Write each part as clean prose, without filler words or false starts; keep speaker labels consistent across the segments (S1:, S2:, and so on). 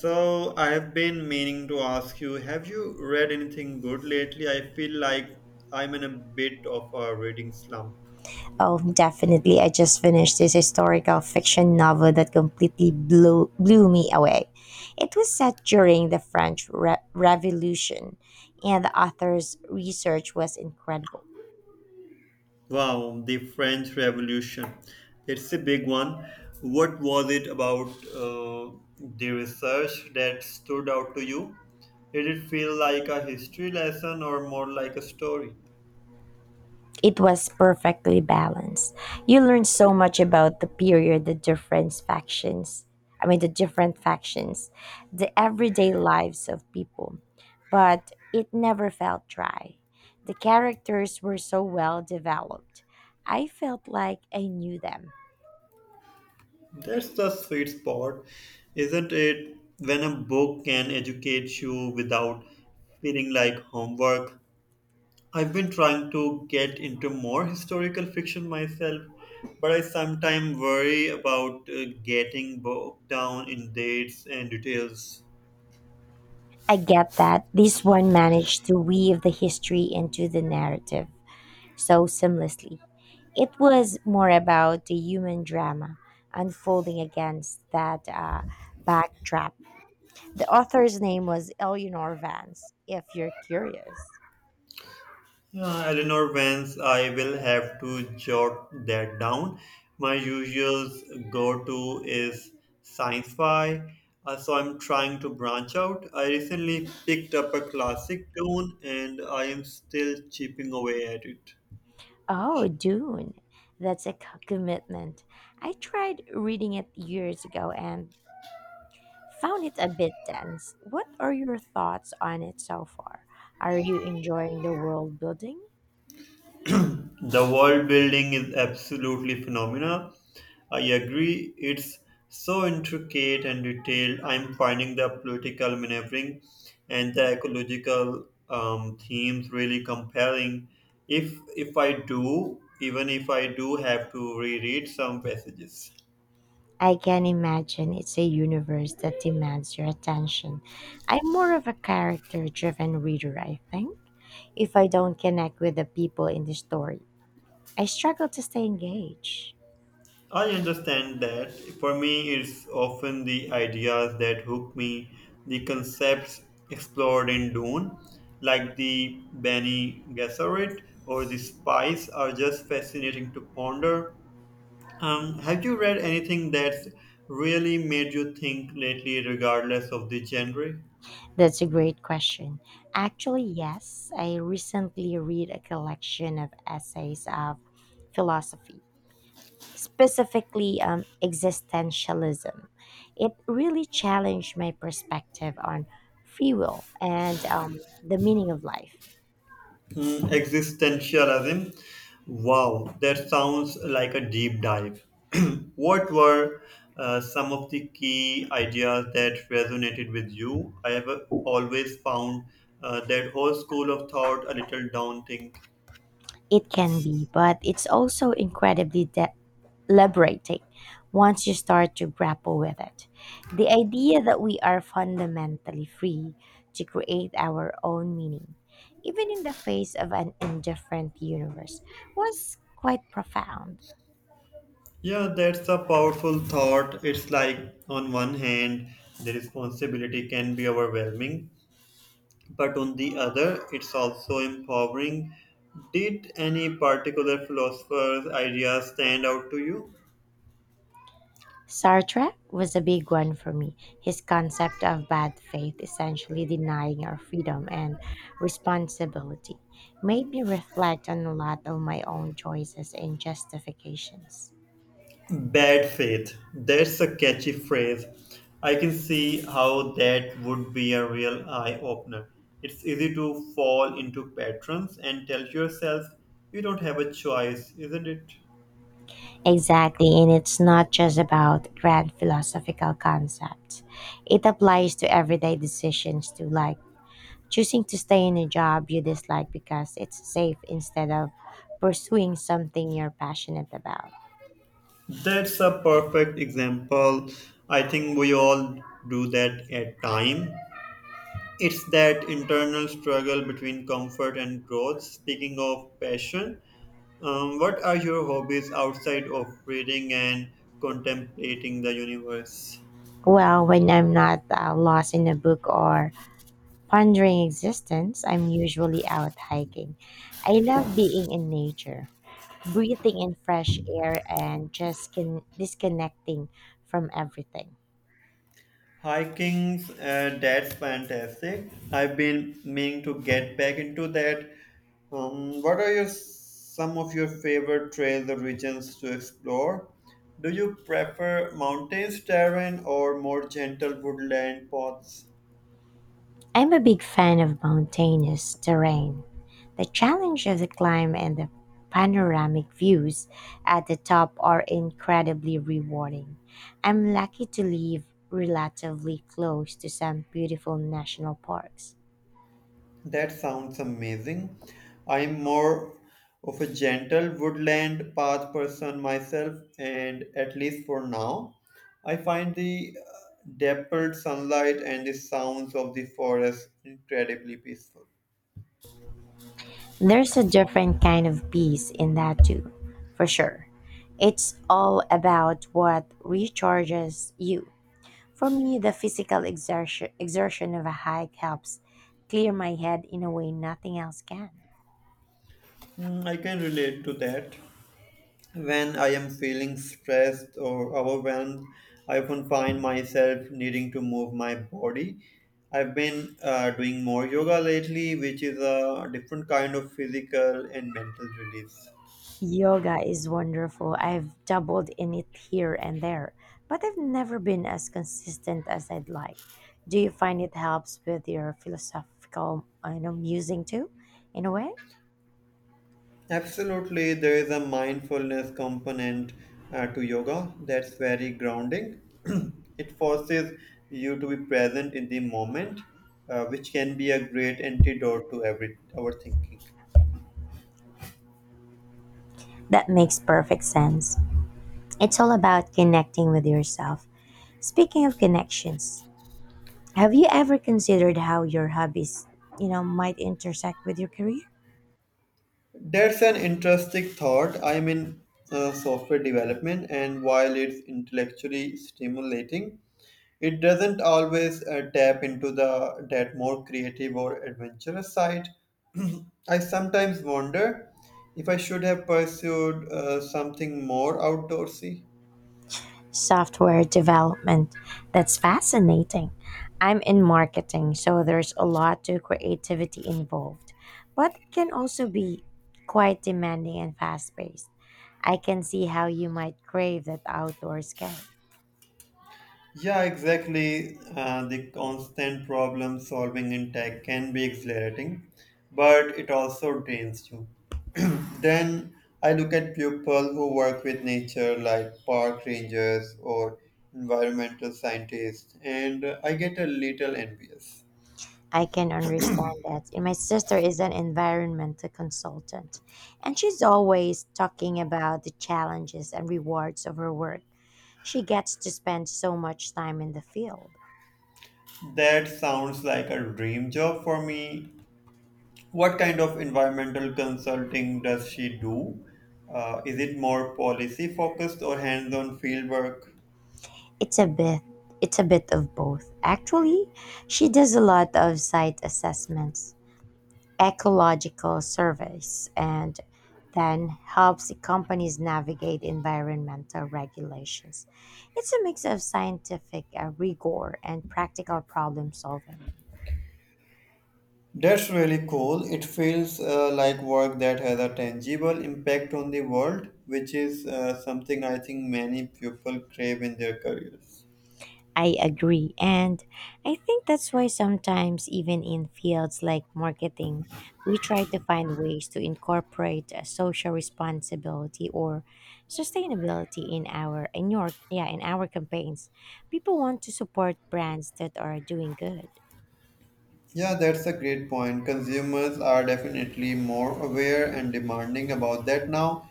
S1: So, I have been meaning to ask you, have you read anything good lately? I feel like I'm in a bit of a reading slump.
S2: Oh, definitely. I just finished this historical fiction novel that completely blew me away. It was set during the French Revolution, and the author's research was incredible.
S1: Wow, the French Revolution. It's a big one. What was it about uh, the research that stood out to you? Did it feel like a history lesson or more like a story?
S2: It was perfectly balanced. You learned so much about the period, the different factions. I mean, the different factions, the everyday lives of people. But it never felt dry. The characters were so well developed. I felt like I knew them.
S1: That's the sweet spot, isn't it? When a book can educate you without feeling like homework. I've been trying to get into more historical fiction myself, but I sometimes worry about getting bogged down in dates and details.
S2: I get that this one managed to weave the history into the narrative so seamlessly. It was more about the human drama unfolding against that backdrop. The author's name was Eleanor Vance, if you're curious.
S1: Yeah, Eleanor Vance, I will have to jot that down. My usual go to is sci fi, so I'm trying to branch out. I recently picked up a classic tune and I am still chipping away at it.
S2: Oh, Dune. That's a commitment. I tried reading it years ago and found it a bit dense. What are your thoughts on it so far? Are you enjoying the world building?
S1: The world building is absolutely phenomenal. I agree, it's so intricate and detailed. I'm finding the political maneuvering and the ecological themes really compelling. If I do, even if I do have to reread some passages.
S2: I can imagine it's a universe that demands your attention. I'm more of a character driven reader, I think. If I don't connect with the people in the story, I struggle to stay engaged.
S1: I understand that. For me, it's often the ideas that hook me, the concepts explored in Dune, like the Bene Gesserit or the spice, are just fascinating to ponder. Have you read anything that's really made you think lately, regardless of the genre?
S2: That's a great question. Actually, yes, I recently read a collection of essays of philosophy, specifically existentialism. It really challenged my perspective on free will and the meaning of life.
S1: Mm, existentialism. Wow, that sounds like a deep dive. What were some of the key ideas that resonated with you? I have always found that whole school of thought a little daunting.
S2: It can be, but it's also incredibly liberating once you start to grapple with it. The idea that we are fundamentally free to create our own meaning, even in the face of an indifferent universe, was quite profound.
S1: Yeah, that's a powerful thought. It's like, on one hand, the responsibility can be overwhelming, but on the other, it's also empowering. Did any particular philosopher's idea stand out to you?
S2: Sartre was a big one for me. His concept of bad faith, essentially denying our freedom and responsibility, made me reflect on a lot of my own choices and justifications.
S1: Bad faith. That's a catchy phrase. I can see how that would be a real eye opener. It's easy to fall into patterns and tell yourself you don't have a choice, isn't it?
S2: Exactly, and it's not just about grand philosophical concepts. It applies to everyday decisions too, like choosing to stay in a job you dislike because it's safe instead of pursuing something you're passionate about.
S1: That's a perfect example. I think we all do that at time. It's that internal struggle between comfort and growth. Speaking of passion, what are your hobbies outside of reading and contemplating the universe?
S2: Well, when I'm not lost in a book or pondering existence, I'm usually out hiking. I love being in nature, breathing in fresh air, and just can disconnecting from everything.
S1: Hiking, that's fantastic. I've been meaning to get back into that. What are your some of your favorite trails or regions to explore? Do you prefer mountains terrain or more gentle woodland paths?
S2: I'm a big fan of mountainous terrain. The challenge of the climb and the panoramic views at the top are incredibly rewarding. I'm lucky to live relatively close to some beautiful national parks.
S1: That sounds amazing. I'm more of a gentle woodland path person myself, and at least for now, I find the dappled sunlight and the sounds of the forest incredibly peaceful.
S2: There's a different kind of peace in that too, for sure. It's all about what recharges you. For me, the physical exertion of a hike helps clear my head in a way nothing else can.
S1: Mm, I can relate to that. When I am feeling stressed or overwhelmed, I often find myself needing to move my body. I've been doing more yoga lately, which is a different kind of physical and mental release.
S2: Yoga is wonderful. I've dabbled in it here and there, but I've never been as consistent as I'd like. Do you find it helps with your philosophical, I know, musing too, in a way?
S1: Absolutely, there is a mindfulness component to yoga that's very grounding. It forces you to be present in the moment, which can be a great antidote to every overthinking.
S2: That makes perfect sense. It's all about connecting with yourself. Speaking of connections, have you ever considered how your hobbies, you know, might intersect with your career?
S1: That's an interesting thought. I'm in software development, and while it's intellectually stimulating, it doesn't always tap into the that more creative or adventurous side. I sometimes wonder if I should have pursued something more outdoorsy.
S2: Software development. That's fascinating. I'm in marketing, so there's a lot to creativity involved, but it can also be quite demanding and fast paced. I can see how you might crave that outdoor escape.
S1: Yeah, exactly. The constant problem solving in tech can be exhilarating, but it also drains you. Then I look at people who work with nature, like park rangers or environmental scientists, and I get a little envious.
S2: I can understand that. And my sister is an environmental consultant, and she's always talking about the challenges and rewards of her work. She gets to spend so much time in the field.
S1: That sounds like a dream job for me. What kind of environmental consulting does she do? Is it more policy focused or hands on field work?
S2: It's a bit it's a bit of both. Actually, she does a lot of site assessments, ecological surveys, and then helps the companies navigate environmental regulations. It's a mix of scientific rigor and practical problem solving.
S1: That's really cool. It feels like work that has a tangible impact on the world, which is something I think many people crave in their careers.
S2: I agree. And I think that's why sometimes, even in fields like marketing, we try to find ways to incorporate social responsibility or sustainability in our in your yeah in our campaigns. People want to support brands that are doing good.
S1: Yeah, that's a great point. Consumers are definitely more aware and demanding about that now.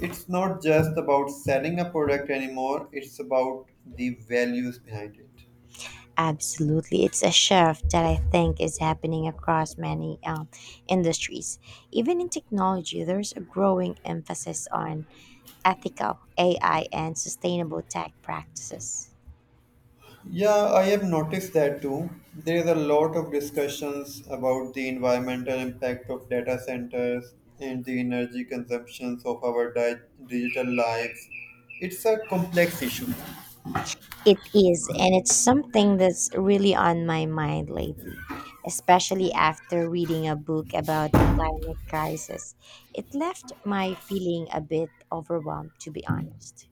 S1: It's not just about selling a product anymore, it's about the values behind it.
S2: Absolutely, it's a shift that I think is happening across many industries. Even in technology, there's a growing emphasis on ethical AI and sustainable tech practices.
S1: Yeah, I have noticed that too. There is a lot of discussions about the environmental impact of data centers and the energy consumptions of our digital lives. It's a complex issue.
S2: It is, and it's something that's really on my mind lately, especially after reading a book about the climate crisis. It left my feeling a bit overwhelmed, to be honest.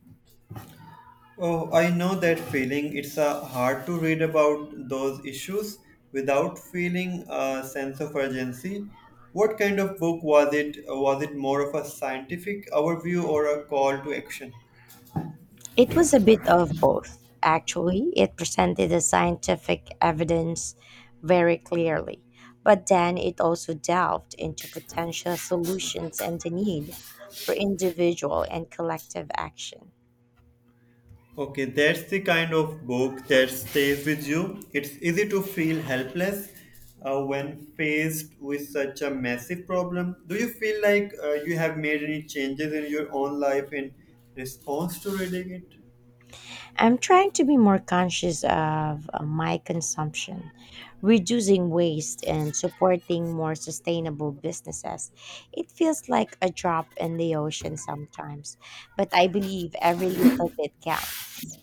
S1: Oh, I know that feeling. It's hard to read about those issues without feeling a sense of urgency. What kind of book was it? Was it more of a scientific overview or a call to action?
S2: It was a bit of both, actually. It presented the scientific evidence very clearly, but then it also delved into potential solutions and the need for individual and collective action.
S1: Okay, that's the kind of book that stays with you. It's easy to feel helpless when faced with such a massive problem. Do you feel like you have made any changes in your own life in response to reading it?
S2: I'm trying to be more conscious of my consumption, reducing waste, and supporting more sustainable businesses. It feels like a drop in the ocean sometimes, but I believe every little bit counts.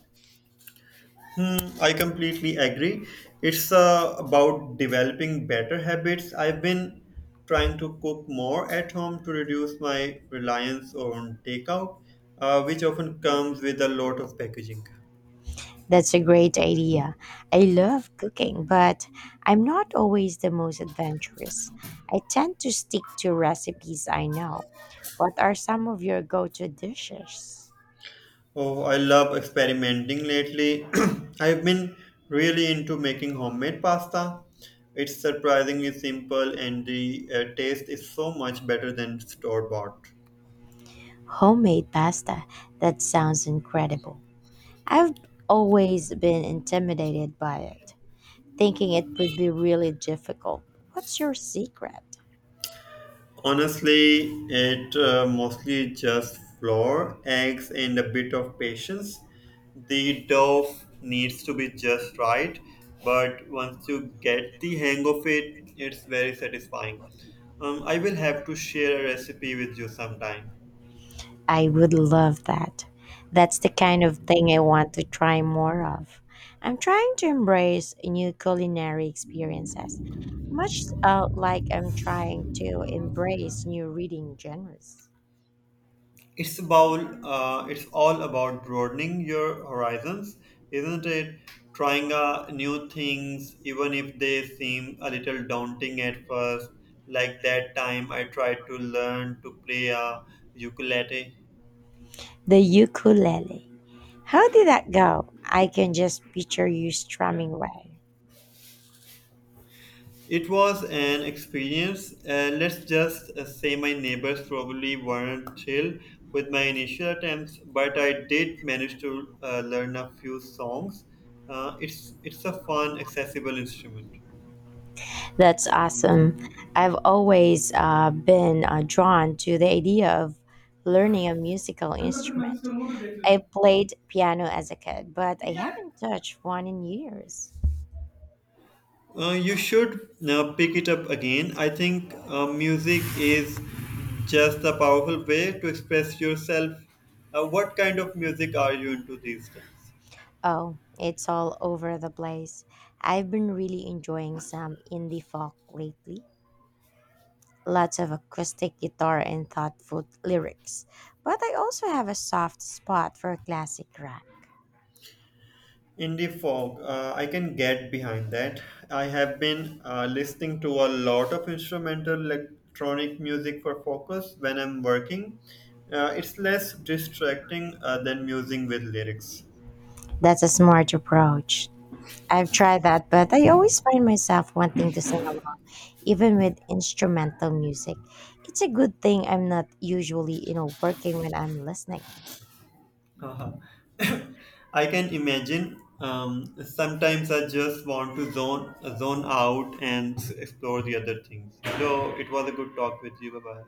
S1: Hmm, I completely agree. It's about developing better habits. I've been trying to cook more at home to reduce my reliance on takeout, which often comes with a lot of packaging.
S2: That's a great idea. I love cooking, but I'm not always the most adventurous. I tend to stick to recipes I know. What are some of your go to dishes?
S1: Oh, I love experimenting lately. I've been really into making homemade pasta. It's surprisingly simple and the taste is so much better than store bought.
S2: Homemade pasta. That sounds incredible. I've always been intimidated by it, thinking it would be really difficult. What's your secret?
S1: Honestly, it mostly just flour, eggs, and a bit of patience. The dough needs to be just right, but once you get the hang of it, it's very satisfying. I will have to share a recipe with you sometime.
S2: I would love that. That's the kind of thing I want to try more of. I'm trying to embrace new culinary experiences, much like I'm trying to embrace new reading genres.
S1: It's all about broadening your horizons, isn't it? Trying new things, even if they seem a little daunting at first. Like that time I tried to learn to play a ukulele.
S2: The ukulele. How did that go? I can just picture you strumming away.
S1: It was an experience. Let's just say my neighbors probably weren't thrilled with my initial attempts, but I did manage to learn a few songs. It's a fun, accessible instrument.
S2: That's awesome. I've always been drawn to the idea of learning a musical
S1: चल मैं तुझे message
S2: instrument.
S1: करूंगा फिर देख लेना।
S2: I played piano as a kid, but I
S1: ठीक है।
S2: haven't touched one in years.
S1: You should pick it up again. I think music is just a powerful way to express yourself. What kind of music are you into these days?
S2: Oh, it's all over the place. I've been really enjoying some indie folk lately. Lots of acoustic guitar and thoughtful lyrics. But I also have a soft spot for classic rock.
S1: Indie folk, I can get behind that. I have been listening to a lot of instrumental electronic music for focus when I'm working. It's less distracting than musing with lyrics.
S2: That's a smart approach. I've tried that, but I always find myself wanting to sing along, even with instrumental music. It's a good thing I'm not usually, you know, working when I'm listening.
S1: Haha. I can imagine. Sometimes I just want to zone out and explore the other things. So it was a good talk with you. Bye bye.